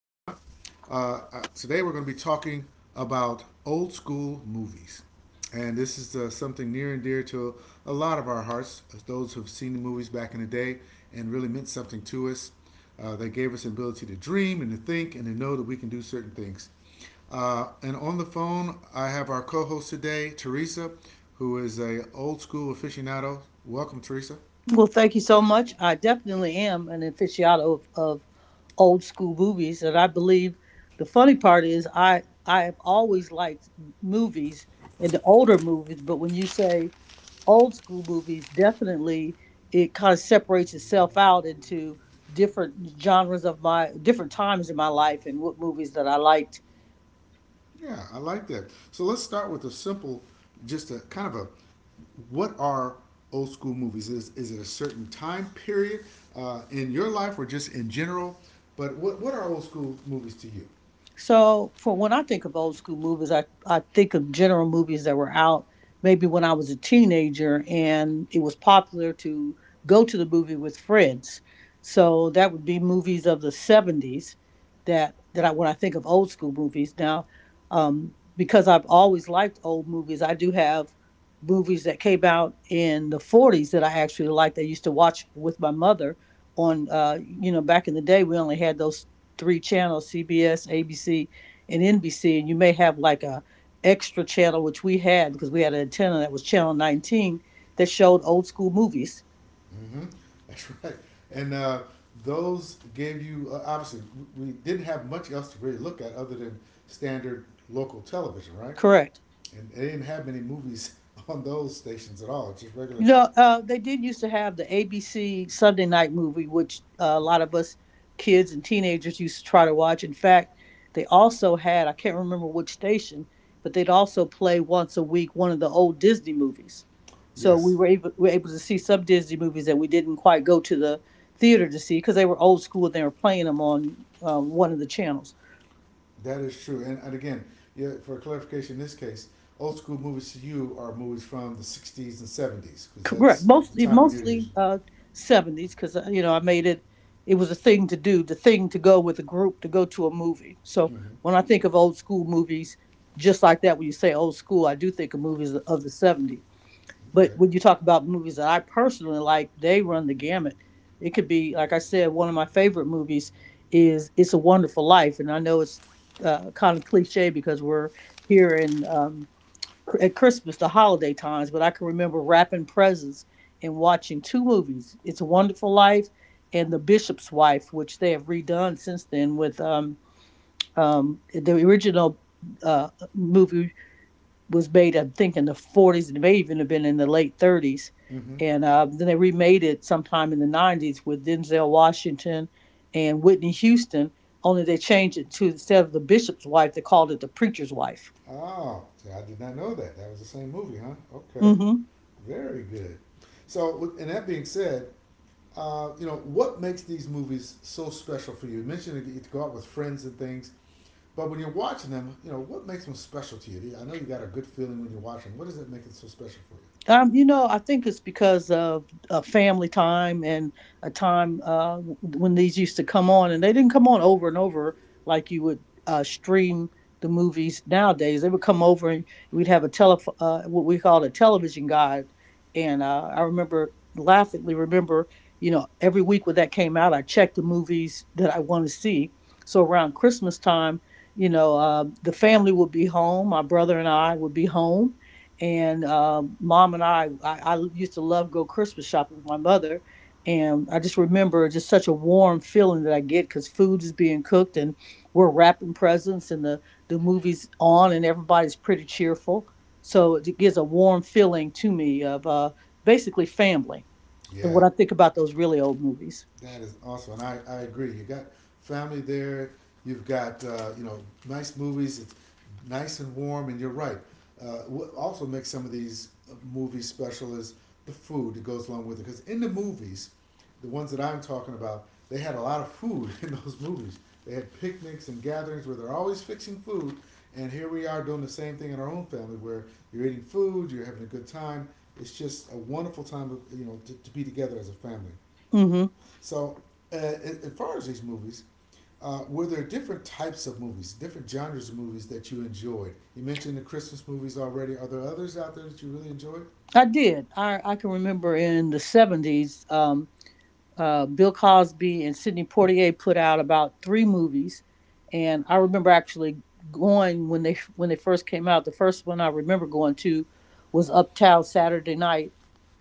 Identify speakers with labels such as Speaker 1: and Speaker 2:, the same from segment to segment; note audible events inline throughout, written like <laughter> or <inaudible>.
Speaker 1: Today we're going to be talking about old school movies. And this is something near and dear to a lot of our hearts, those who've seen the movies back in the day and really meant something to us. They gave us the ability to dream and to think and to know that we can do certain things. And on the phone, I have our co-host today, Teresa, who is a old school aficionado. Welcome, Teresa.
Speaker 2: Well, thank you so much. I definitely am an aficionado of old school movies, and I believe the funny part is I have always liked movies and the older movies, but when you say old school movies, definitely it kind of separates itself out into different genres of my different times in my life and what movies that I liked.
Speaker 1: Yeah, I like that. So let's start with a simple, just a kind of a, what are old school movies? Is it a certain time period in your life or just in general? But what are old school movies to you?
Speaker 2: For when I think of old school movies, I think of general movies that were out maybe when I was a teenager and it was popular to go to the movie with friends. So, that would be movies of the 70s when I think of old school movies. Because I've always liked old movies, I do have movies that came out in the 40s that I actually liked. I used to watch with my mother on, you know, back in the day, we only had those three channels: CBS, ABC, and NBC. And you may have like a extra channel, which we had because we had an antenna. That was channel 19 that showed old school movies.
Speaker 1: Mm-hmm. <laughs> That's right. And those gave you obviously we didn't have much else to really look at other than standard local television, right?
Speaker 2: Correct.
Speaker 1: And they didn't have many movies <laughs> on those stations at all. Just regular.
Speaker 2: They did used to have the ABC Sunday night movie, which a lot of us kids and teenagers used to try to watch. In fact, they also had, I can't remember which station, but they'd also play once a week one of the old Disney movies. So
Speaker 1: Yes.
Speaker 2: we were able to see some Disney movies that we didn't quite go to the theater to see because they were old school and they were playing them on one of the channels.
Speaker 1: That is true. And again, yeah, for clarification, in this case, old school movies to you are movies from the 60s and 70s because
Speaker 2: Correct.
Speaker 1: that's the
Speaker 2: Mostly,
Speaker 1: time when you're
Speaker 2: mostly
Speaker 1: using
Speaker 2: uh, seventies, because you know I made it. It was a thing to do, the thing to go with a group to go to a movie. So
Speaker 1: it. Mm-hmm.
Speaker 2: when I think of old school movies, just like that, when you say old school, I do think of movies of the '70s. But
Speaker 1: Okay.
Speaker 2: when you talk about movies that I personally like, they run the gamut. It could be, like I said, one of my favorite movies is "It's a Wonderful Life," and I know it's kind of cliche because we're here in at Christmas, the holiday times, but I can remember wrapping presents and watching two movies: "It's a Wonderful Life" and "The Bishop's Wife," which they have redone since then. With The original movie was made, I think, in the '40s, and it may even have been in the late '30s,
Speaker 1: Mm-hmm.
Speaker 2: and then they remade it sometime in the '90s with Denzel Washington and Whitney Houston. Only they changed it to, instead of the bishop's wife, they called it the preacher's wife.
Speaker 1: Oh, see, I did not know that. That was the same movie, huh? Okay.
Speaker 2: Mm-hmm.
Speaker 1: Very good. So, and that being said, what makes these movies so special for you? You mentioned that you get to go out with friends and things, but when you're watching them, what makes them special to you? I know you got a good feeling when you're watching. What does it make it so special for
Speaker 2: You know, I think it's because of family time and a time when these used to come on, and they didn't come on over and over like you would stream the movies nowadays. They would come over and we'd have a tele what we called a television guide, and I remember you know, every week when that came out, I checked the movies that I want to see. So around Christmas time, the family would be home. My brother and I would be home and mom and I used to love go Christmas shopping with my mother, and I just remember just such a warm feeling that I get because food is being cooked and we're wrapping presents and the movies on and everybody's pretty cheerful, so it gives a warm feeling to me of basically family.
Speaker 1: you?
Speaker 2: And
Speaker 1: Yeah.
Speaker 2: what I think about those really old movies.
Speaker 1: That is awesome, and I agree. You got family there. You've got nice movies. It's nice and warm, and you're right. What also makes some of these movies special is the food that goes along with it. Because in the movies, the ones that I'm talking about, they had a lot of food <laughs> in those movies. They had picnics and gatherings where they're always fixing food, and here we are doing the same thing in our own family where you're eating food, you're having a good time. It's just a wonderful time, of, to be together as a family.
Speaker 2: Hmm.
Speaker 1: So, as far as these movies, were there different types of movies, different genres of movies that you enjoyed? You mentioned the Christmas movies already. Are there others out there that you really enjoyed?
Speaker 2: I did. I can remember in the 70s. Bill Cosby and Sidney Poitier put out about three movies, and I remember actually going when they first came out. The first one I remember going to was Uptown Saturday Night,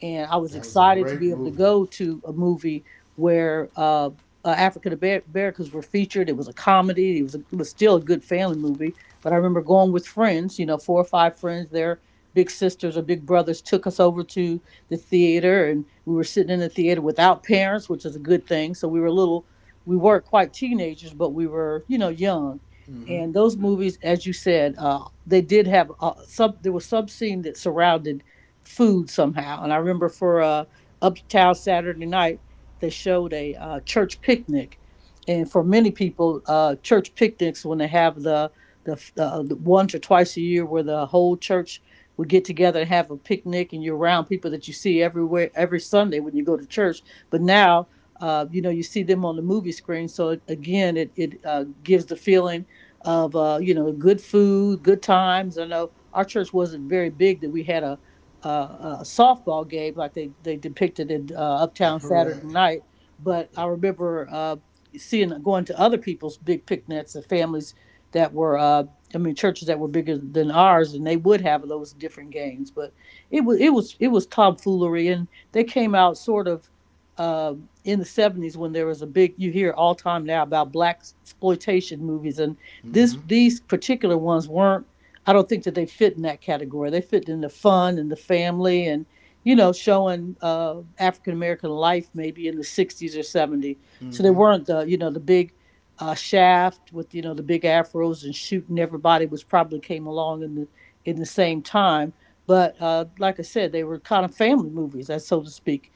Speaker 2: and I was
Speaker 1: That was a
Speaker 2: excited to
Speaker 1: great
Speaker 2: be able to
Speaker 1: movie.
Speaker 2: go to a movie where African Americans were featured. It was a comedy. It was still a good family movie, but I remember going with friends. You know, four or five friends. Their big sisters or big brothers took us over to the theater and we were sitting in the theater without parents, which is a good thing. So we were little, we weren't quite teenagers, but we were, you know, young.
Speaker 1: Mm-hmm.
Speaker 2: And those movies, as you said, they did have sub. There was sub scene that surrounded food somehow. And I remember for Uptown Saturday Night, they showed a church picnic, and for many people, church picnics when they have the once or twice a year where the whole church would get together and have a picnic and you're around people that you see everywhere every Sunday when you go to church. But now, you know, you see them on the movie screen. So again, it gives the feeling of, you know, good food, good times. I know our church wasn't very big that we had a softball game like they depicted in Uptown Saturday
Speaker 1: <laughs> Right.
Speaker 2: night. But I remember seeing going to other people's big picnics and families that were I mean, churches that were bigger than ours, and they would have those different games. But it was tomfoolery, and they came out sort of in the 70s when there was a big. You hear all time now about black exploitation movies, and this
Speaker 1: Mm-hmm.
Speaker 2: these particular ones weren't. I don't think that they fit in that category. They fit in the fun and the family, and you know, showing African American life maybe in the 60s or '70s. So they
Speaker 1: Mm-hmm.
Speaker 2: weren't the, you know, the big Shaft with, you know, the big afros and shooting everybody, which probably came along in the same time. But like I said, they were kind of family movies, as so to speak.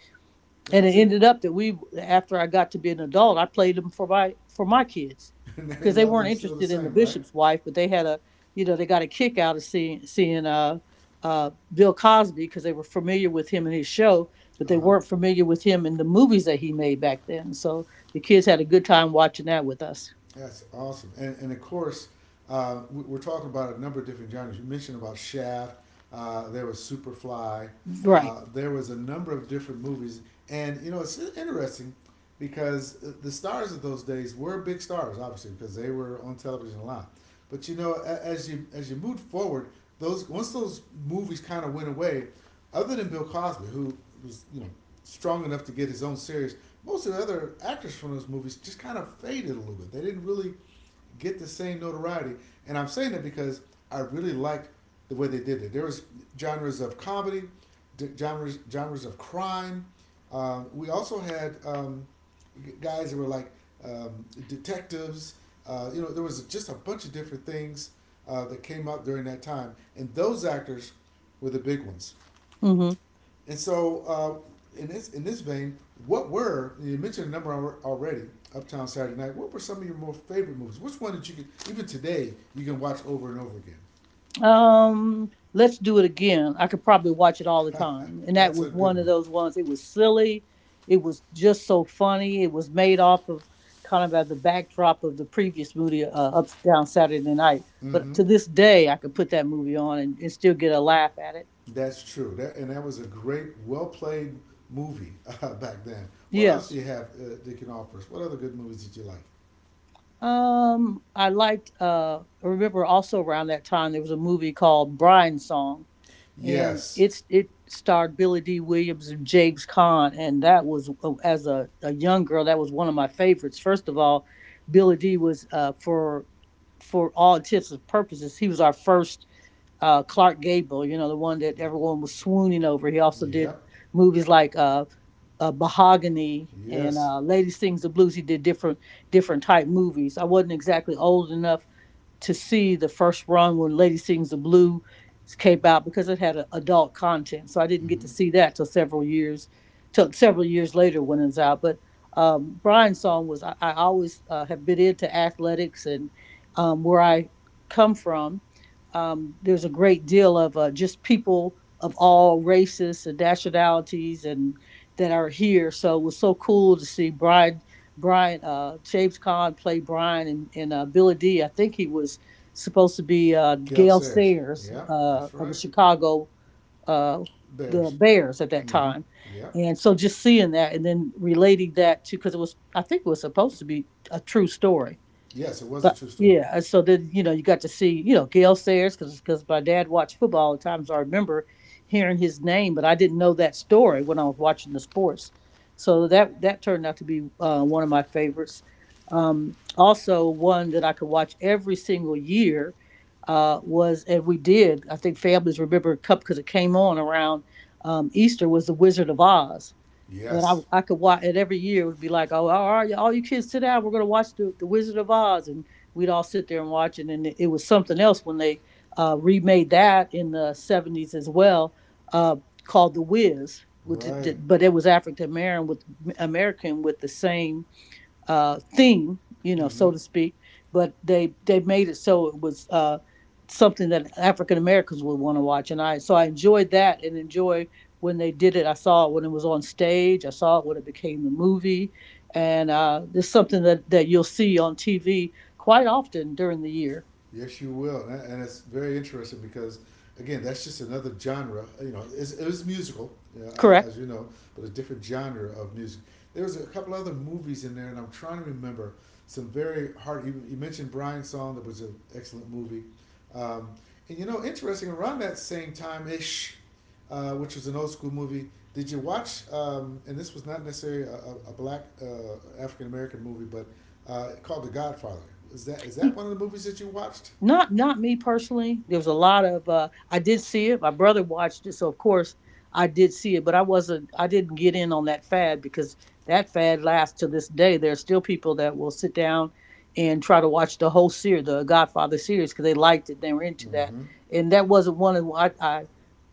Speaker 2: And it
Speaker 1: That's it.
Speaker 2: ended up that we, after I got to be an adult, I played them for my kids
Speaker 1: <laughs> And they
Speaker 2: because they
Speaker 1: love
Speaker 2: weren't
Speaker 1: them still the
Speaker 2: interested in the
Speaker 1: same, right?
Speaker 2: Bishop's Wife, but they had a, you know, they got a kick out of seeing Bill Cosby because they were familiar with him and his show, but they
Speaker 1: Uh-huh.
Speaker 2: weren't familiar with him in the movies that he made back then. So the kids had a good time watching that with us.
Speaker 1: That's awesome. And of course, are talking about a number of different genres. You mentioned about Shaft. There was Superfly.
Speaker 2: Right.
Speaker 1: There was a number of different movies, and it's interesting because the stars of those days were big stars, obviously, because they were on television a lot. But as you moved forward, those once those movies kind of went away, other than Bill Cosby, who was strong enough to get his own series, most of the other actors from those movies just kind of faded a little bit. They didn't really get the same notoriety. And I'm saying that because I really liked the way they did it. There was genres of comedy, genres of crime. We also had guys that were like detectives. There was just a bunch of different things that came up during that time, and those actors were the big ones.
Speaker 2: Hmm.
Speaker 1: And so, in this vein, what were you mentioned a number already? Uptown Saturday Night. What were some of your more favorite movies? Which one that you could even today you can watch over and over again?
Speaker 2: Let's do it again. I could probably watch it all the time.
Speaker 1: <laughs>
Speaker 2: And that
Speaker 1: That's a
Speaker 2: was
Speaker 1: good
Speaker 2: one of
Speaker 1: one.
Speaker 2: those ones. It was silly. It was just so funny. It was made off of kind of at the backdrop of the previous movie, Up Down Saturday Night. But
Speaker 1: Mm-hmm.
Speaker 2: to this day, I could put that movie on and still get a laugh at it.
Speaker 1: That's true. That and that was a great, well played movie <laughs> back then. What else do
Speaker 2: Yes.
Speaker 1: you have that can offer us? What other good movies did you like?
Speaker 2: I liked. I remember also around that time there was a movie called Brian Song and
Speaker 1: Yes.
Speaker 2: it starred Billy D. Williams and James Caan, and that was oh, as a young girl that was one of my favorites. First of all, Billy D. was for all intents and purposes he was our first Clark Gable, you know, the one that everyone was swooning over. He also did
Speaker 1: Yep.
Speaker 2: movies like Mahogany and
Speaker 1: Yes.
Speaker 2: Lady Sings the Blues. He did different type movies. I wasn't exactly old enough to see the first run when Lady Sings the Blue came out because it had adult content. So I didn't get to
Speaker 1: Mm-hmm.
Speaker 2: see that till till several years later when it's out. But Brian's song was I always have been into athletics and where I come from. There's a great deal of just people of all races and nationalities and that are here. So it was so cool to see James Caan played Brian, and Billy Dee, I think he was supposed to be
Speaker 1: Gail
Speaker 2: Gail
Speaker 1: Sayers.
Speaker 2: Sayers
Speaker 1: Yep. That's
Speaker 2: of the
Speaker 1: right.
Speaker 2: Chicago uh, the
Speaker 1: Bears.
Speaker 2: Bears at that
Speaker 1: Mm-hmm.
Speaker 2: time,
Speaker 1: Yeah.
Speaker 2: and so just seeing that and then relating that to because it was I think it was supposed to be a true story
Speaker 1: Yes, it was a
Speaker 2: but
Speaker 1: true story.
Speaker 2: yeah, so then you know you got to see, you know, Gale Sayers because my dad watched football all the time, so I remember hearing his name, but I didn't know that story when I was watching the sports. So that turned out to be one of my favorites. Also, one that I could watch every single year was, and we did. I think families remember cup because it came on around Easter was the Wizard of Oz. And
Speaker 1: Yes,
Speaker 2: I could watch it every year. It would be like, oh, all right, all you kids sit down. We're going to watch the Wizard of Oz. And we'd all sit there and watch it. And it was something else when they remade that in the 70s as well, uh, called The Wiz, which
Speaker 1: right.
Speaker 2: did, but it was African American with the same theme, you know,
Speaker 1: Mm-hmm.
Speaker 2: so to speak. But they made it so it was something that African Americans would want to watch, and I so I enjoyed that and enjoy when they did it. I saw it when it was on stage. I saw it when it became the movie, and it's something that you'll see on TV quite often during the year.
Speaker 1: Yes, you will, and it's very interesting because, again, that's just another genre. It was musical,
Speaker 2: Correct?
Speaker 1: as you know, but a different genre of music. There was a couple other movies in there, and I'm trying to remember some very hard. You mentioned Brian's Song, that was an excellent movie, um, and interesting. Around that same time ish, which was an old school movie. Did you watch? And this was not necessarily a black African American movie, but called The Godfather. Is that one of the movies that you watched?
Speaker 2: Not me personally. There was a lot of I did see it. My brother watched it, so of course I did see it. But I wasn't. I didn't get in on that fad because that fad lasts to this day. There are still people that will sit down and try to watch the whole series, the Godfather series, because they liked it. They were into that,
Speaker 1: Mm-hmm.
Speaker 2: and that wasn't one of I. I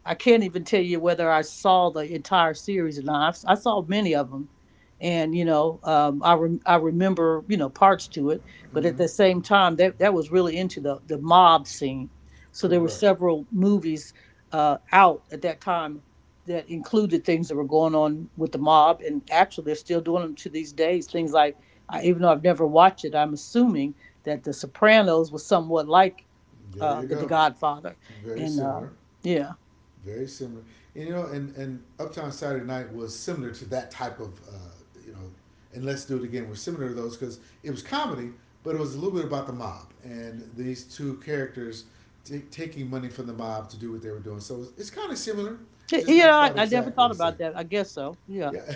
Speaker 2: I can't even tell you whether I saw the entire series or not. I saw many of them, and you know, I rem I remember you know parts to it, but at
Speaker 1: Mm-hmm.
Speaker 2: the same time that was really into the mob scene, so there were
Speaker 1: Correct.
Speaker 2: several movies out at that time that included things that were going on with the mob, and actually they're still doing them to these days, things like I, even though I've never watched it, I'm assuming that the Sopranos was somewhat like
Speaker 1: There you
Speaker 2: the
Speaker 1: go.
Speaker 2: Godfather.
Speaker 1: Very
Speaker 2: And
Speaker 1: similar.
Speaker 2: yeah
Speaker 1: Very similar. And, you know, and Uptown Saturday Night was similar to that type of, you know, and Let's Do It Again was similar to those because it was comedy, but it was a little bit about the mob and these two characters taking money from the mob to do what they were doing. So it's kind of similar, just not
Speaker 2: yeah,
Speaker 1: quite
Speaker 2: I never
Speaker 1: exactly
Speaker 2: thought
Speaker 1: the same.
Speaker 2: about that, I guess so, yeah.
Speaker 1: Yeah, <laughs>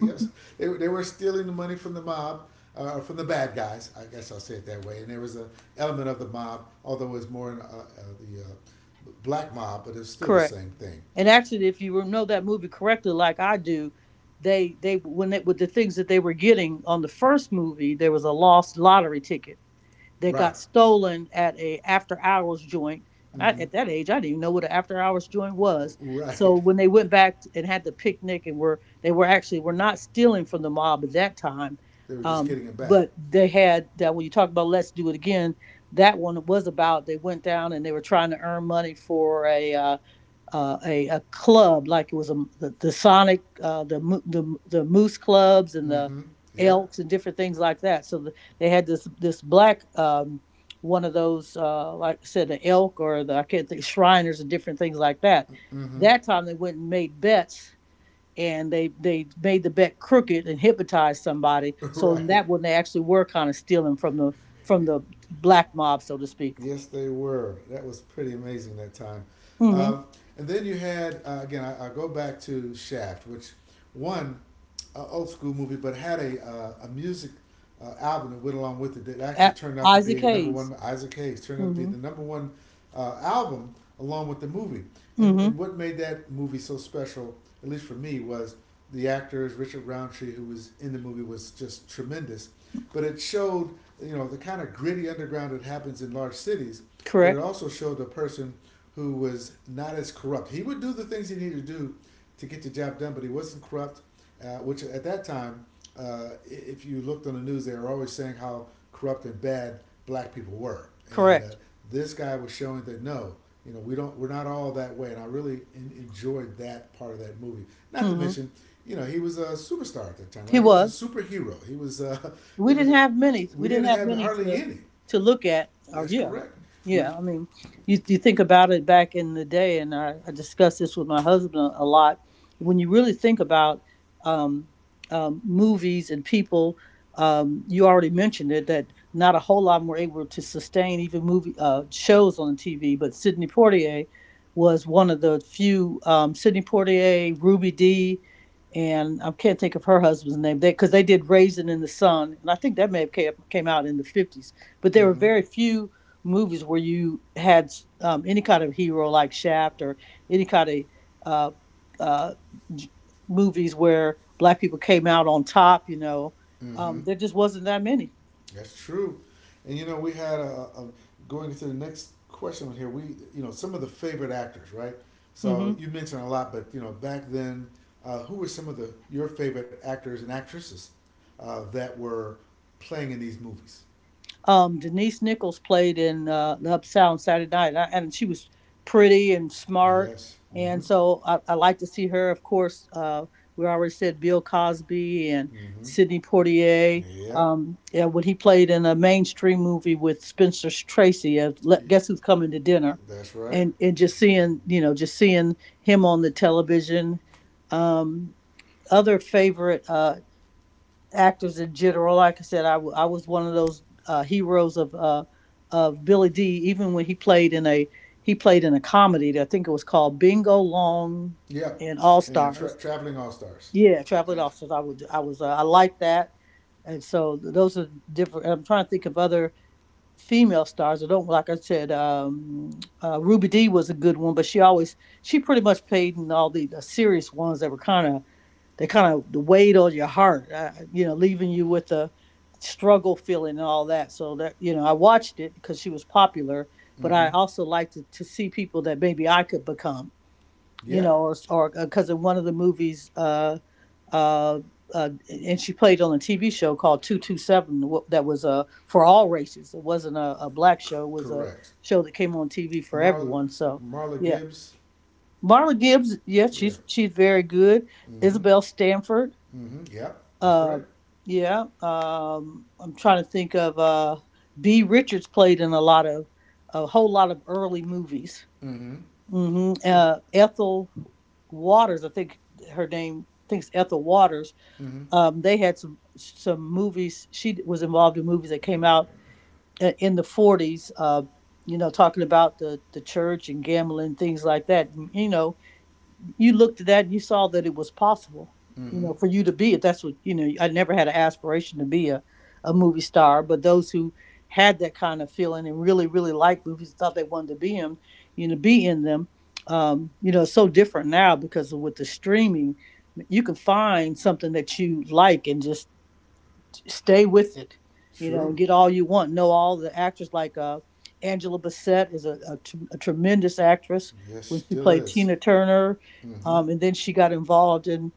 Speaker 1: yes. They were stealing the money from the mob, from the bad guys. I guess I'll say it that way. And there was an element of the mob, although it was more in, the black mob, but it's
Speaker 2: <laughs>
Speaker 1: still the
Speaker 2: Correct.
Speaker 1: same thing.
Speaker 2: And actually, if you know that movie correctly, like I do, they when they, with the things that they were getting on the first movie, there was a lost lottery ticket that
Speaker 1: Right.
Speaker 2: got stolen at a after hours joint. And I,
Speaker 1: Mm-hmm.
Speaker 2: at that age, I didn't even know what an after hours joint was. So
Speaker 1: Right. <laughs>
Speaker 2: when they went back and had the picnic, and were they were actually were not stealing from the mob at that time,
Speaker 1: They were just getting it back.
Speaker 2: but they had that. When you talk about Let's Do It Again, that one was about they went down and they were trying to earn money for a. A club, like it was a, the Sonic, the, the Moose clubs and the
Speaker 1: Mm-hmm. Yeah.
Speaker 2: Elks and different things like that. So the, they had this black one of those like I said, the Elk or the I can't think Shriners and different things like that.
Speaker 1: Mm-hmm.
Speaker 2: That time they went and made bets, and they made the bet crooked and hypnotized somebody.
Speaker 1: <laughs>
Speaker 2: So in
Speaker 1: Right.
Speaker 2: that one they actually were kind of stealing from the black mob, so to speak.
Speaker 1: Yes, they were. That was pretty amazing that time.
Speaker 2: Mm-hmm.
Speaker 1: Um, and then you had, again, I go back to Shaft, which, one, old school movie, but had a music album that went along with it that actually
Speaker 2: At
Speaker 1: turned out to
Speaker 2: Isaac
Speaker 1: be a number
Speaker 2: Hayes.
Speaker 1: one, Isaac Hayes turned out to be
Speaker 2: Mm-hmm.
Speaker 1: the number one album along with the movie.
Speaker 2: Mm-hmm.
Speaker 1: And what made that movie so special, at least for me, was the actors, Richard Roundtree, who was in the movie, was just tremendous. But it showed, the kind of gritty underground that happens in large cities. But it
Speaker 2: Correct.
Speaker 1: also showed a person who was not as corrupt. He would do the things he needed to do to get the job done, but he wasn't corrupt. Which at that time, if you looked on the news, they were always saying how corrupt and bad black people were. And
Speaker 2: Correct.
Speaker 1: this guy was showing that no, we don't we're not all that way, and I really enjoyed that part of that movie. Not to
Speaker 2: Hmm.
Speaker 1: mention, he was a superstar at that time,
Speaker 2: He
Speaker 1: right? He was
Speaker 2: was.
Speaker 1: a superhero. He was <laughs>
Speaker 2: We
Speaker 1: it was
Speaker 2: didn't have many.
Speaker 1: we
Speaker 2: We didn't
Speaker 1: didn't
Speaker 2: have
Speaker 1: have
Speaker 2: many
Speaker 1: hardly any.
Speaker 2: to look at. Or
Speaker 1: That's
Speaker 2: yeah,
Speaker 1: correct. We
Speaker 2: yeah. I mean, you think about it back in the day, and I discussed this with my husband a lot. When you really think about um, movies and people, you already mentioned it that not a whole lot of were able to sustain even movie shows on TV. But Sidney Poitier was one of the few. Sidney Poitier, Ruby Dee, and I can't think of her husband's name, because they did Raisin in the Sun, and I think that may have came out in the 50s. But there were
Speaker 1: mm-hmm.
Speaker 2: very few movies where you had any kind of hero like Shaft, or any kind of uh, uh, movies where black people came out on top. You know,
Speaker 1: Mm-hmm.
Speaker 2: there just wasn't that many.
Speaker 1: That's true. And we had a going into the next question here. We, some of the favorite actors, right? So
Speaker 2: Mm-hmm.
Speaker 1: you mentioned a lot, but back then, who were some of the your favorite actors and actresses that were playing in these movies?
Speaker 2: Um, Denise Nichols played in the Uptown Saturday Night, and, I, and she was pretty and smart.
Speaker 1: Yes. Mm-hmm.
Speaker 2: And so I like to see her. Of course, we already said Bill Cosby and
Speaker 1: Mm-hmm.
Speaker 2: Sidney Poitier.
Speaker 1: Yep.
Speaker 2: Yeah, when he played in a mainstream movie with Spencer Tracy,
Speaker 1: Y-
Speaker 2: guess who's coming to dinner,
Speaker 1: That's right.
Speaker 2: and just seeing, you know, just seeing him on the television. Um, other favorite. Uh, actors in general. Like I said, I was one of those heroes of Billy Dee, even when he played in a he played in a comedy that I think it was called Bingo Long
Speaker 1: Yep.
Speaker 2: and All
Speaker 1: And the
Speaker 2: Stars.
Speaker 1: traveling all stars.
Speaker 2: Yeah, Traveling All Stars. I would I was I liked that, and so those are different. I'm trying to think of other female stars. I don't like I said Ruby Dee was a good one, but she always she pretty much played in all the serious ones that were kind of they kind of the weight on your heart, you know, leaving you with a struggle feeling and all that. So that you know, I watched it because she was popular, but I
Speaker 1: Mm-hmm.
Speaker 2: also liked to see people that maybe I could become, you
Speaker 1: Yeah.
Speaker 2: know, or because in one of the movies, uh, and she played on a TV show called Two Seven that was for all races. It wasn't a black
Speaker 1: C-
Speaker 2: show; it was a
Speaker 1: correct.
Speaker 2: show that came on TV for
Speaker 1: Marla
Speaker 2: everyone. So
Speaker 1: Marla
Speaker 2: yeah,
Speaker 1: Gibbs.
Speaker 2: Marla Gibbs, yeah,
Speaker 1: Yeah.
Speaker 2: she's very good.
Speaker 1: Mm-hmm.
Speaker 2: Isabel Stanford,
Speaker 1: Mm-hmm. Yep, that's
Speaker 2: uh,
Speaker 1: right.
Speaker 2: yeah. I'm trying to think of B. Richards played in a lot of a whole lot of early movies.
Speaker 1: Mm-hmm.
Speaker 2: Hmm.
Speaker 1: With-
Speaker 2: Ethel Waters, I think her name. I think it's Ethel Waters.
Speaker 1: Mm-hmm.
Speaker 2: They had some movies. She was involved in movies that came out in the 40s. You know, talking about the church and gambling things like that. You know, you looked at that and you saw that it was possible, you
Speaker 1: Mm-hmm.
Speaker 2: know, for you to be it. That's what, you know, I never had an aspiration to be a movie star, but those who had that kind of feeling and really, really liked movies, thought they wanted to be in, you know, be in them, you know, it's so different now because of with the streaming, you can find something that you like and just stay with it, you know, and
Speaker 1: True.
Speaker 2: get all you want. Know all the actors like Angela Bassett is a, a tremendous actress
Speaker 1: Yes,
Speaker 2: when she
Speaker 1: still
Speaker 2: played
Speaker 1: is.
Speaker 2: Tina Turner,
Speaker 1: Mm-hmm.
Speaker 2: and then she got involved in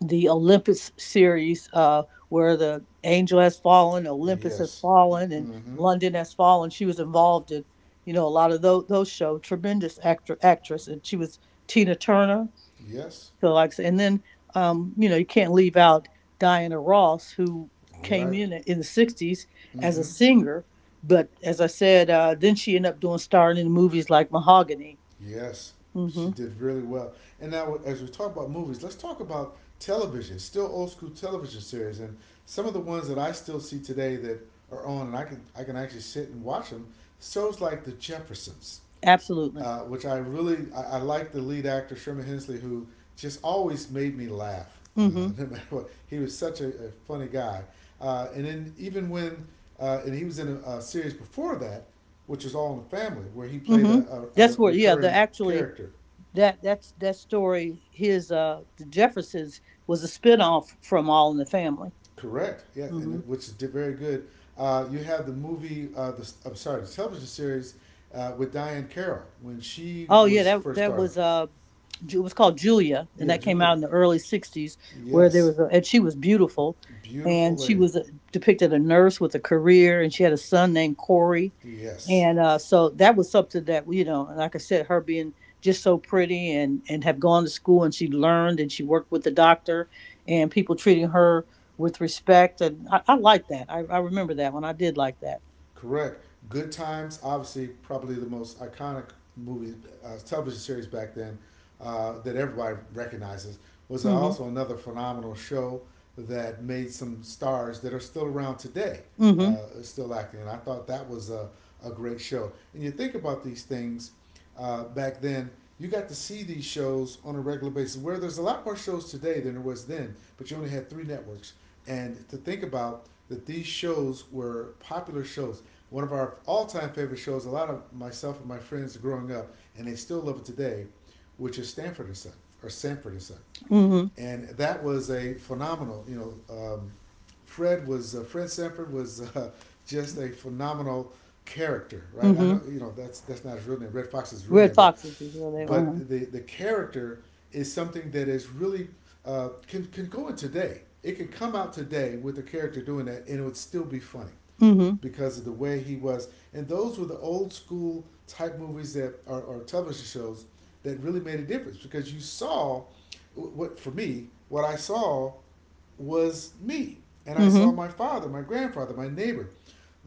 Speaker 2: the Olympus series where the Angel Has Fallen, Olympus Has
Speaker 1: Yes.
Speaker 2: Fallen, and
Speaker 1: Mm-hmm.
Speaker 2: London Has Fallen. She was involved in you know a lot of those shows. Tremendous actor actress, and she was Tina Turner.
Speaker 1: Yes.
Speaker 2: So like, I said, and then you know you can't leave out Diana Ross, who came
Speaker 1: Right.
Speaker 2: in the '60s as a
Speaker 1: Mm-hmm.
Speaker 2: singer, but as I said, then she ended up doing starring in movies like Mahogany.
Speaker 1: Yes. She
Speaker 2: Hmm.
Speaker 1: did really well. And now, as we talk about movies, let's talk about television. Still old school television series, and some of the ones that I still see today that are on, and I can actually sit and watch them. Shows like The Jeffersons.
Speaker 2: Absolutely.
Speaker 1: Which I really I like the lead actor Sherman Hensley, who just always made me laugh.
Speaker 2: Hmm.
Speaker 1: <laughs> No matter what, he was such a funny guy. And then even when and he was in a series before that, which is All in the Family, where he
Speaker 2: mm
Speaker 1: played
Speaker 2: hmm
Speaker 1: a
Speaker 2: That's where, yeah, the
Speaker 1: recurring
Speaker 2: actually
Speaker 1: character.
Speaker 2: that story. His the Jeffersons was a spinoff from All in the Family.
Speaker 1: Correct. Yes,
Speaker 2: Mm
Speaker 1: and
Speaker 2: hmm
Speaker 1: it, which is very good. You have the movie, I'm sorry, the television series with Diane Carroll when she
Speaker 2: Oh yeah,
Speaker 1: was
Speaker 2: that
Speaker 1: first started.
Speaker 2: was it was called Julia, and
Speaker 1: Yeah,
Speaker 2: that came
Speaker 1: Julie.
Speaker 2: out in the early '60s, where there
Speaker 1: Yes,
Speaker 2: was, a, and she was beautiful,
Speaker 1: beautiful
Speaker 2: and she
Speaker 1: lady.
Speaker 2: was a, depicted a nurse with a career, and she had a son named Corey,
Speaker 1: Yes.
Speaker 2: and so that was something that, you know, like I said, her being just so pretty and have gone to school and she learned and she worked with the doctor, and people treating her with respect, and I like that. I remember that one. I did like that.
Speaker 1: Correct. Good Times, obviously, probably the most iconic movie, television series back then that everybody recognizes, was
Speaker 2: Mm-hmm.
Speaker 1: also another phenomenal show that made some stars that are still around today,
Speaker 2: Mm-hmm.
Speaker 1: still acting. And I thought that was a great show. And you think about these things back then, you got to see these shows on a regular basis, where there's a lot more shows today than there was then, but you only had three networks. And to think about that these shows were popular shows. One of our all time favorite shows, a lot of myself and my friends growing up, and they still love it today, which is Stanford and Son, or Sanford and Son.
Speaker 2: Mm-hmm.
Speaker 1: And that was a phenomenal, Fred was, Fred Sanford was just a phenomenal character, right? I
Speaker 2: Mm-hmm.
Speaker 1: know, that's not his real name. Red Fox's real
Speaker 2: Red
Speaker 1: name, but
Speaker 2: foxes is what they. Uh-huh.
Speaker 1: the character is something that is really can go in today. It could come out today with a character doing that, and it would still be funny
Speaker 2: Mm-hmm.
Speaker 1: because of the way he was. And those were the old school type movies that are or television shows that really made a difference because you saw what I saw was me, and I saw
Speaker 2: Mm-hmm.
Speaker 1: my father, my grandfather, my neighbor,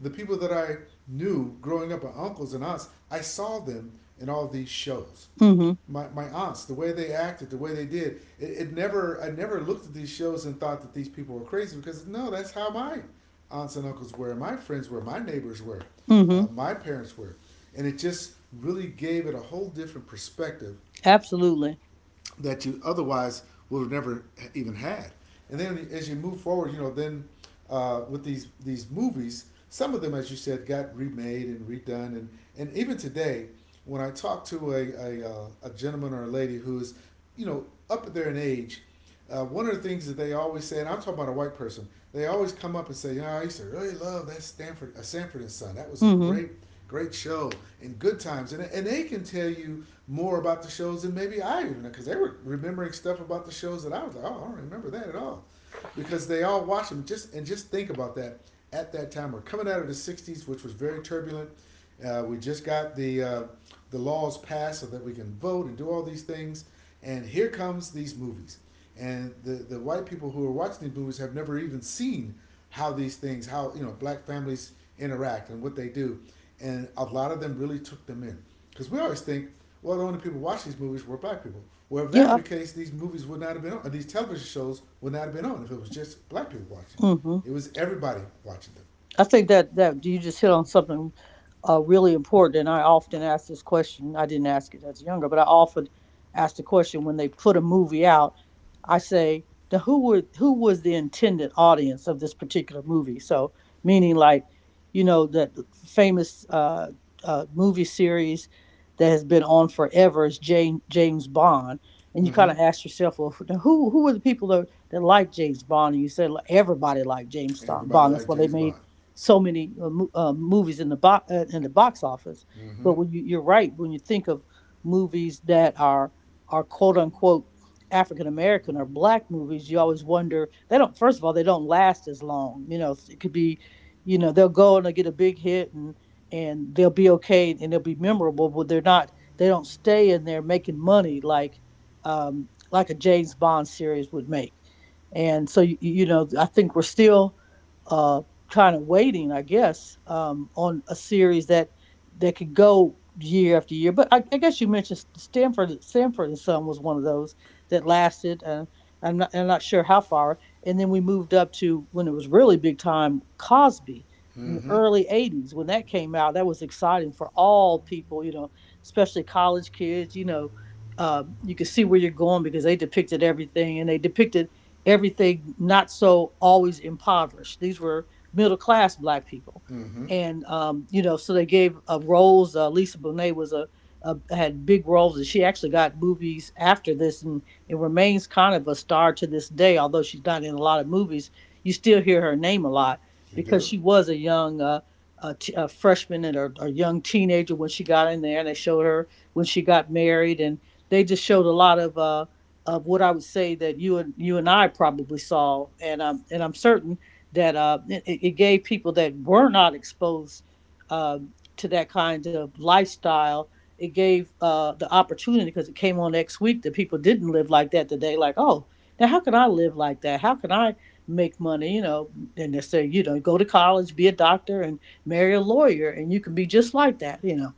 Speaker 1: the people that I knew growing up, my uncles and aunts. I saw them in all these shows.
Speaker 2: Mm-hmm.
Speaker 1: My aunts, the way they acted, the way they did. It never I never looked at these shows and thought that these people were crazy because no, that's how my aunts and uncles were, my friends were, my neighbors were,
Speaker 2: Mm-hmm.
Speaker 1: my parents were, and it just really gave it a whole different perspective
Speaker 2: Absolutely.
Speaker 1: that you otherwise would have never even had. And then as you move forward, then with these movies, some of them, as you said, got remade and redone, and even today, when I talk to a gentleman or a lady who is, you know, up there in age, one of the things that they always say, and I'm talking about a white person, they always come up and say, "Yeah, I used to really love that Stanford, Sanford and Son. That was a
Speaker 2: Mhm.
Speaker 1: great, great show and good times." And they can tell you more about the shows than maybe I even, because they were remembering stuff about the shows that I was like, "Oh, I don't remember that at all," because they all watched them. Just think about that at that time. We're coming out of the '60s, which was very turbulent. We just got the laws passed so that we can vote and do all these things, and here comes these movies. And the white people who are watching these movies have never even seen how these things, how you know, black families interact and what they do, and a lot of them really took them in. Because we always think, well, the only people watching these movies were black people. Well, if that were
Speaker 2: Yeah.
Speaker 1: the case, these movies would not have been on, or these television shows would not have been on if it was just black people watching.
Speaker 2: Mhm.
Speaker 1: It was everybody watching
Speaker 2: I think that you just hit on something really important, and I often ask this question. I didn't ask it as younger, but I often ask the question when they put a movie out. I say, "Now, who was the intended audience of this particular movie?" So, meaning like, you know, that famous movie series that has been on forever is James Bond, and you kind
Speaker 1: them.
Speaker 2: of ask yourself, "Well, now who were the people that like James Bond?" And you said, "Like, everybody liked
Speaker 1: Mm-hmm. Everybody
Speaker 2: Bond. That's
Speaker 1: liked
Speaker 2: why they
Speaker 1: James
Speaker 2: made
Speaker 1: Bond.
Speaker 2: So many movies in the box office.
Speaker 1: Mm-hmm.
Speaker 2: But when you, you're right, when you think of movies that are quote unquote African American or black movies, you always wonder they don't. First of all, they don't last as long. You know, it could be, they'll go and they'll get a big hit and they'll be okay and they'll be memorable, but they're not. They don't stay in there making money like a James Bond series would make. And so I think we're still uh kind of waiting, I guess, on a series that could go year after year. But I guess you mentioned Stanford. Stanford and Son was one of those that lasted. I'm not sure how far. And then we moved up to when it was really big time, Cosby in the
Speaker 1: Mm-hmm.
Speaker 2: early 80s. When that came out, that was exciting for all people, you know, especially college kids, you know. You could see where you're going, because they depicted everything, and they depicted everything not so always impoverished. These were middle class black people.
Speaker 1: Mm-hmm.
Speaker 2: And, you know, so they gave roles. Lisa Bonet was had big roles, and she actually got movies after this, and it remains kind of a star to this day. Although she's not in a lot of movies, you still hear her name a lot,
Speaker 1: You
Speaker 2: because
Speaker 1: do.
Speaker 2: she was a young a, t- a freshman and a young teenager when she got in there, and they showed her when she got married, and they just showed a lot of what I would say that you and I probably saw, and I'm certain that it gave people that were not exposed um to that kind of lifestyle. It gave the opportunity, because it came on next week, that people didn't live like that today. Like, oh, now how can I live like that? How can I make money? You know, and they say, you know, go to college, be a doctor, and marry a lawyer, and you can be just like that. You know,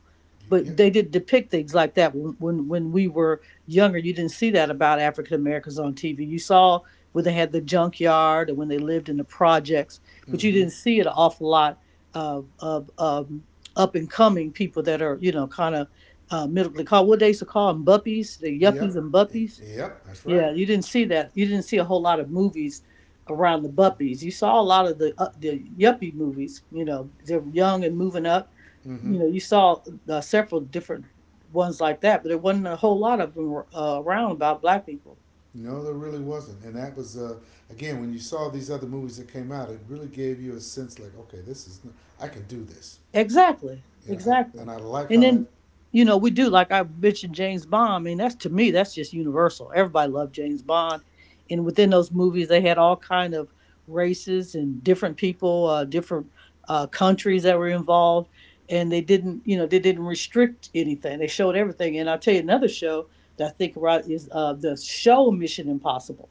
Speaker 1: You,
Speaker 2: but
Speaker 1: yep.
Speaker 2: they did depict things like that. When we were younger, you didn't see that about African Americans on TV. You saw when they had the junkyard and when they lived in the projects, but you
Speaker 1: Mm-hmm.
Speaker 2: didn't see an awful lot of up and coming people that are, you know, kind of middle called, what they used to call them, buppies. The yuppies
Speaker 1: Yep.
Speaker 2: and buppies.
Speaker 1: Yep. That's right.
Speaker 2: Yeah, you didn't see that. You didn't see a whole lot of movies around the buppies. You saw a lot of the yuppie movies, you know, they're young and moving up.
Speaker 1: Mm-hmm.
Speaker 2: You know, you saw several different ones like that, but there wasn't a whole lot of them around about black people.
Speaker 1: No, there really wasn't, and that was again, when you saw these other movies that came out, it really gave you a sense like, okay, this is, I can do this,
Speaker 2: Exactly,
Speaker 1: you know, and,
Speaker 2: exactly.
Speaker 1: I like
Speaker 2: And
Speaker 1: how that.
Speaker 2: then, you know, we do, like I mentioned, James Bond. I mean, that's, to me, that's just universal. Everybody loved James Bond, and within those movies, they had all kind of races and different people, different countries that were involved, and they didn't, you know, they didn't restrict anything. They showed everything. And I'll tell you another show that I think right is the show Mission Impossible.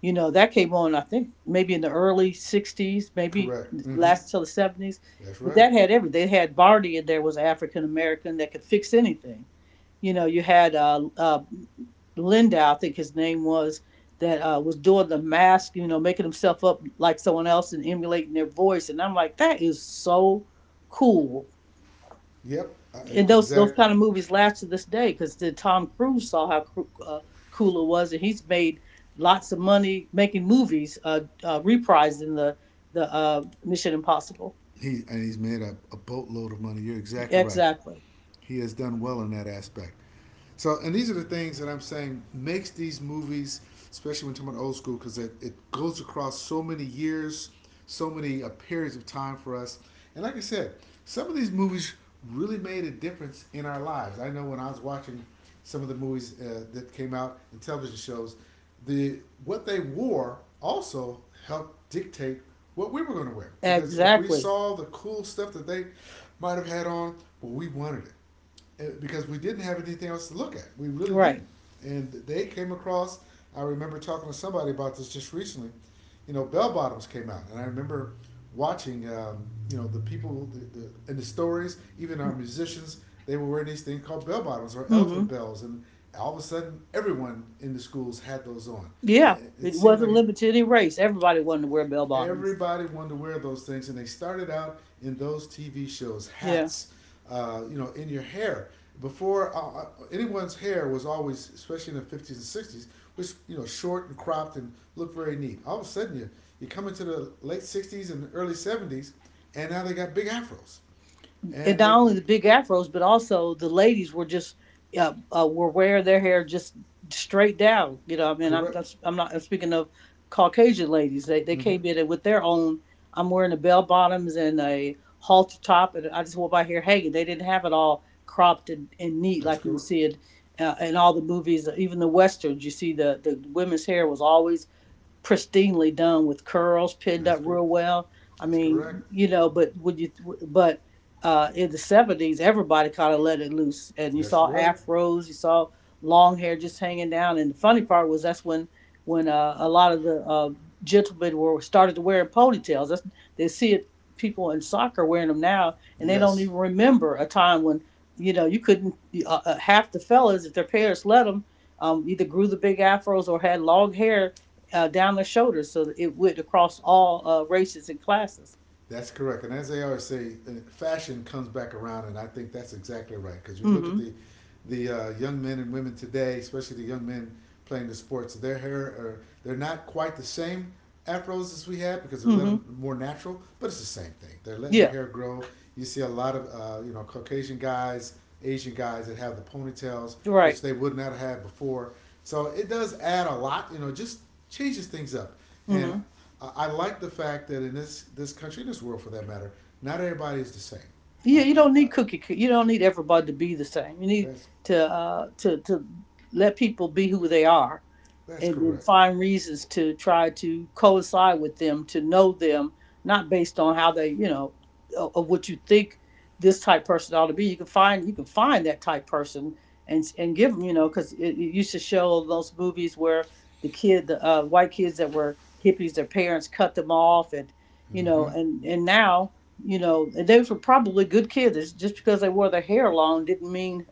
Speaker 2: You know, that came on, I think, maybe in the early 60s, maybe
Speaker 1: Correct. Mm-hmm.
Speaker 2: last till the 70s.
Speaker 1: That's
Speaker 2: But
Speaker 1: right.
Speaker 2: that had everything. They had Barty in there, was African American, that could fix anything. You know, you had Lindau, I think his name was, that was doing the mask, you know, making himself up like someone else and emulating their voice. And I'm like, that is so cool.
Speaker 1: Yep.
Speaker 2: And those
Speaker 1: Exactly.
Speaker 2: kind of movies last to this day, because the Tom Cruise saw how cool it was, and he's made lots of money making movies, reprising the Mission Impossible.
Speaker 1: He, and he's made a boatload of money. You're exactly right.
Speaker 2: Exactly,
Speaker 1: He has done well in that aspect. So, and these are the things that I'm saying makes these movies, especially when talking about old school, because it goes across so many years, so many periods of time for us. And like I said, some of these movies really made a difference in our lives. I know when I was watching some of the movies that came out in television shows, the what they wore also helped dictate what we were going to wear. Because if we
Speaker 2: exactly,
Speaker 1: saw the cool stuff that they might have had on, well, we wanted it, because we didn't have anything else to look at. We really
Speaker 2: right.
Speaker 1: didn't. And they came across. I remember talking to somebody about this just recently. You know, bell bottoms came out, and I remember watching. You know, the people the, and the stories, even our musicians, they were wearing these things called bell bottoms or elephant
Speaker 2: Mm-hmm.
Speaker 1: bells, and all of a sudden, everyone in the schools had those on.
Speaker 2: Yeah,
Speaker 1: It
Speaker 2: it
Speaker 1: seemed
Speaker 2: wasn't
Speaker 1: like it
Speaker 2: limited to any race. Everybody wanted to wear bell bottoms.
Speaker 1: everybody wanted to wear those things, and they started out in those TV shows,
Speaker 2: Yeah,
Speaker 1: hats, you know, in your hair. Before anyone's hair was always, especially in the '50s and sixties, was, you know, short and cropped and looked very neat. All of a sudden, you come into the late '60s and early '70s, and now they got big afros,
Speaker 2: and
Speaker 1: and
Speaker 2: not
Speaker 1: they.
Speaker 2: only the big afros, but also the ladies were just were wearing their hair just straight down. You know, I mean,
Speaker 1: Correct.
Speaker 2: I'm not, I'm speaking of Caucasian ladies. They
Speaker 1: Mm-hmm.
Speaker 2: came in and with their own. I'm wearing a bell bottoms and a halter top, and I just wore my hair hanging. They didn't have it all cropped and neat
Speaker 1: That's
Speaker 2: like you would
Speaker 1: correct.
Speaker 2: see it in all the movies, even the westerns. You see the women's hair was always pristinely done with curls pinned up
Speaker 1: That's correct.
Speaker 2: real well. I
Speaker 1: That's
Speaker 2: mean,
Speaker 1: correct.
Speaker 2: you know, but would you? But in the 70s, everybody kind of let it loose, and you
Speaker 1: That's
Speaker 2: saw
Speaker 1: correct.
Speaker 2: afros, you saw long hair just hanging down. And the funny part was that's when a lot of the gentlemen were started to wearing ponytails. That's, they see it people in soccer wearing them now, and they don't
Speaker 1: Yes.
Speaker 2: even remember a time when, you know, you couldn't half the fellas, if their parents let them, either grew the big afros or had long hair down their shoulders. So it went across all races and classes.
Speaker 1: That's correct. And as they always say, fashion comes back around, and I think that's exactly right. Because you look at
Speaker 2: Mm-hmm.
Speaker 1: the young men and women today, especially the young men playing the sports, their hair are, they're not quite the same afros as we had because they're let
Speaker 2: Mm-hmm.
Speaker 1: 'em more natural, but it's the same thing. They're letting the
Speaker 2: Yeah.
Speaker 1: hair grow. You see a lot of you know, Caucasian guys, Asian guys that have the ponytails,
Speaker 2: Right.
Speaker 1: which they would not have had before. So it does add a lot. You know, just changes things up, and
Speaker 2: Mm-hmm.
Speaker 1: I, like the fact that in this this country, in this world for that matter, not everybody is the same.
Speaker 2: Yeah. You don't need
Speaker 1: I
Speaker 2: cookie. You don't need everybody to be the same. You need
Speaker 1: that's
Speaker 2: to to let people be who they are,
Speaker 1: that's
Speaker 2: and then
Speaker 1: correct.
Speaker 2: find reasons to try to coincide with them, to know them, not based on how they, you know, of what you think this type person ought to be. You can find that type person and give them, you know, because it used to show those movies where the kid the white kids that were hippies, their parents cut them off, and you know,
Speaker 1: Mm-hmm.
Speaker 2: and now, you know, and those were probably good kids. It's just because they wore their hair long didn't mean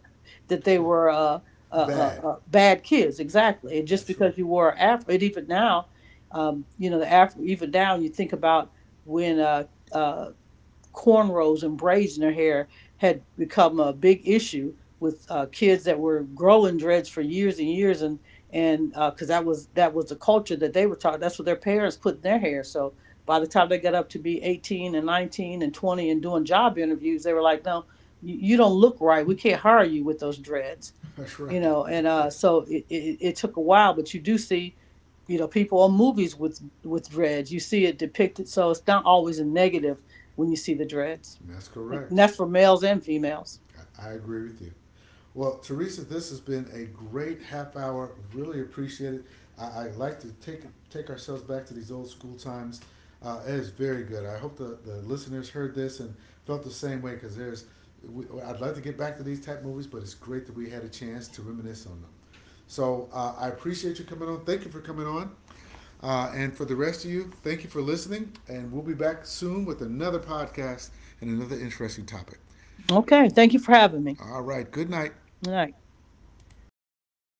Speaker 2: that they were
Speaker 1: Bad.
Speaker 2: bad kids. Exactly. And just
Speaker 1: That's right.
Speaker 2: because you wore an afro. And even now, you know, the afro, even now, you think about when uh, cornrows and braids in their hair had become a big issue with kids that were growing dreads for years and years. And because that was, that was the culture that they were taught. That's what their parents put in their hair. So by the time they got up to be 18 and 19 and 20 and doing job interviews, they were like, no, you don't look right, we can't hire you with those dreads.
Speaker 1: That's
Speaker 2: You
Speaker 1: right.
Speaker 2: know, and so it took a while, but you do see, you know, people on movies with dreads. You see it depicted, so it's not always a negative when you see the dreads.
Speaker 1: <laughs> That's
Speaker 2: And
Speaker 1: correct.
Speaker 2: that's for males and females.
Speaker 1: I agree with you. Well, Teresa, this has been a great half hour. Really appreciate it. I like to take ourselves back to these old school times. It is very good. I hope the listeners heard this and felt the same way because there's. We, I'd like to get back to these type movies, but it's great that we had a chance to reminisce on them. So I appreciate you coming on. Thank you for coming on. And for the rest of you, thank you for listening. And we'll be back soon with another podcast and another interesting topic.
Speaker 2: Okay, thank you for having me.
Speaker 1: All right. Good night.
Speaker 2: All right.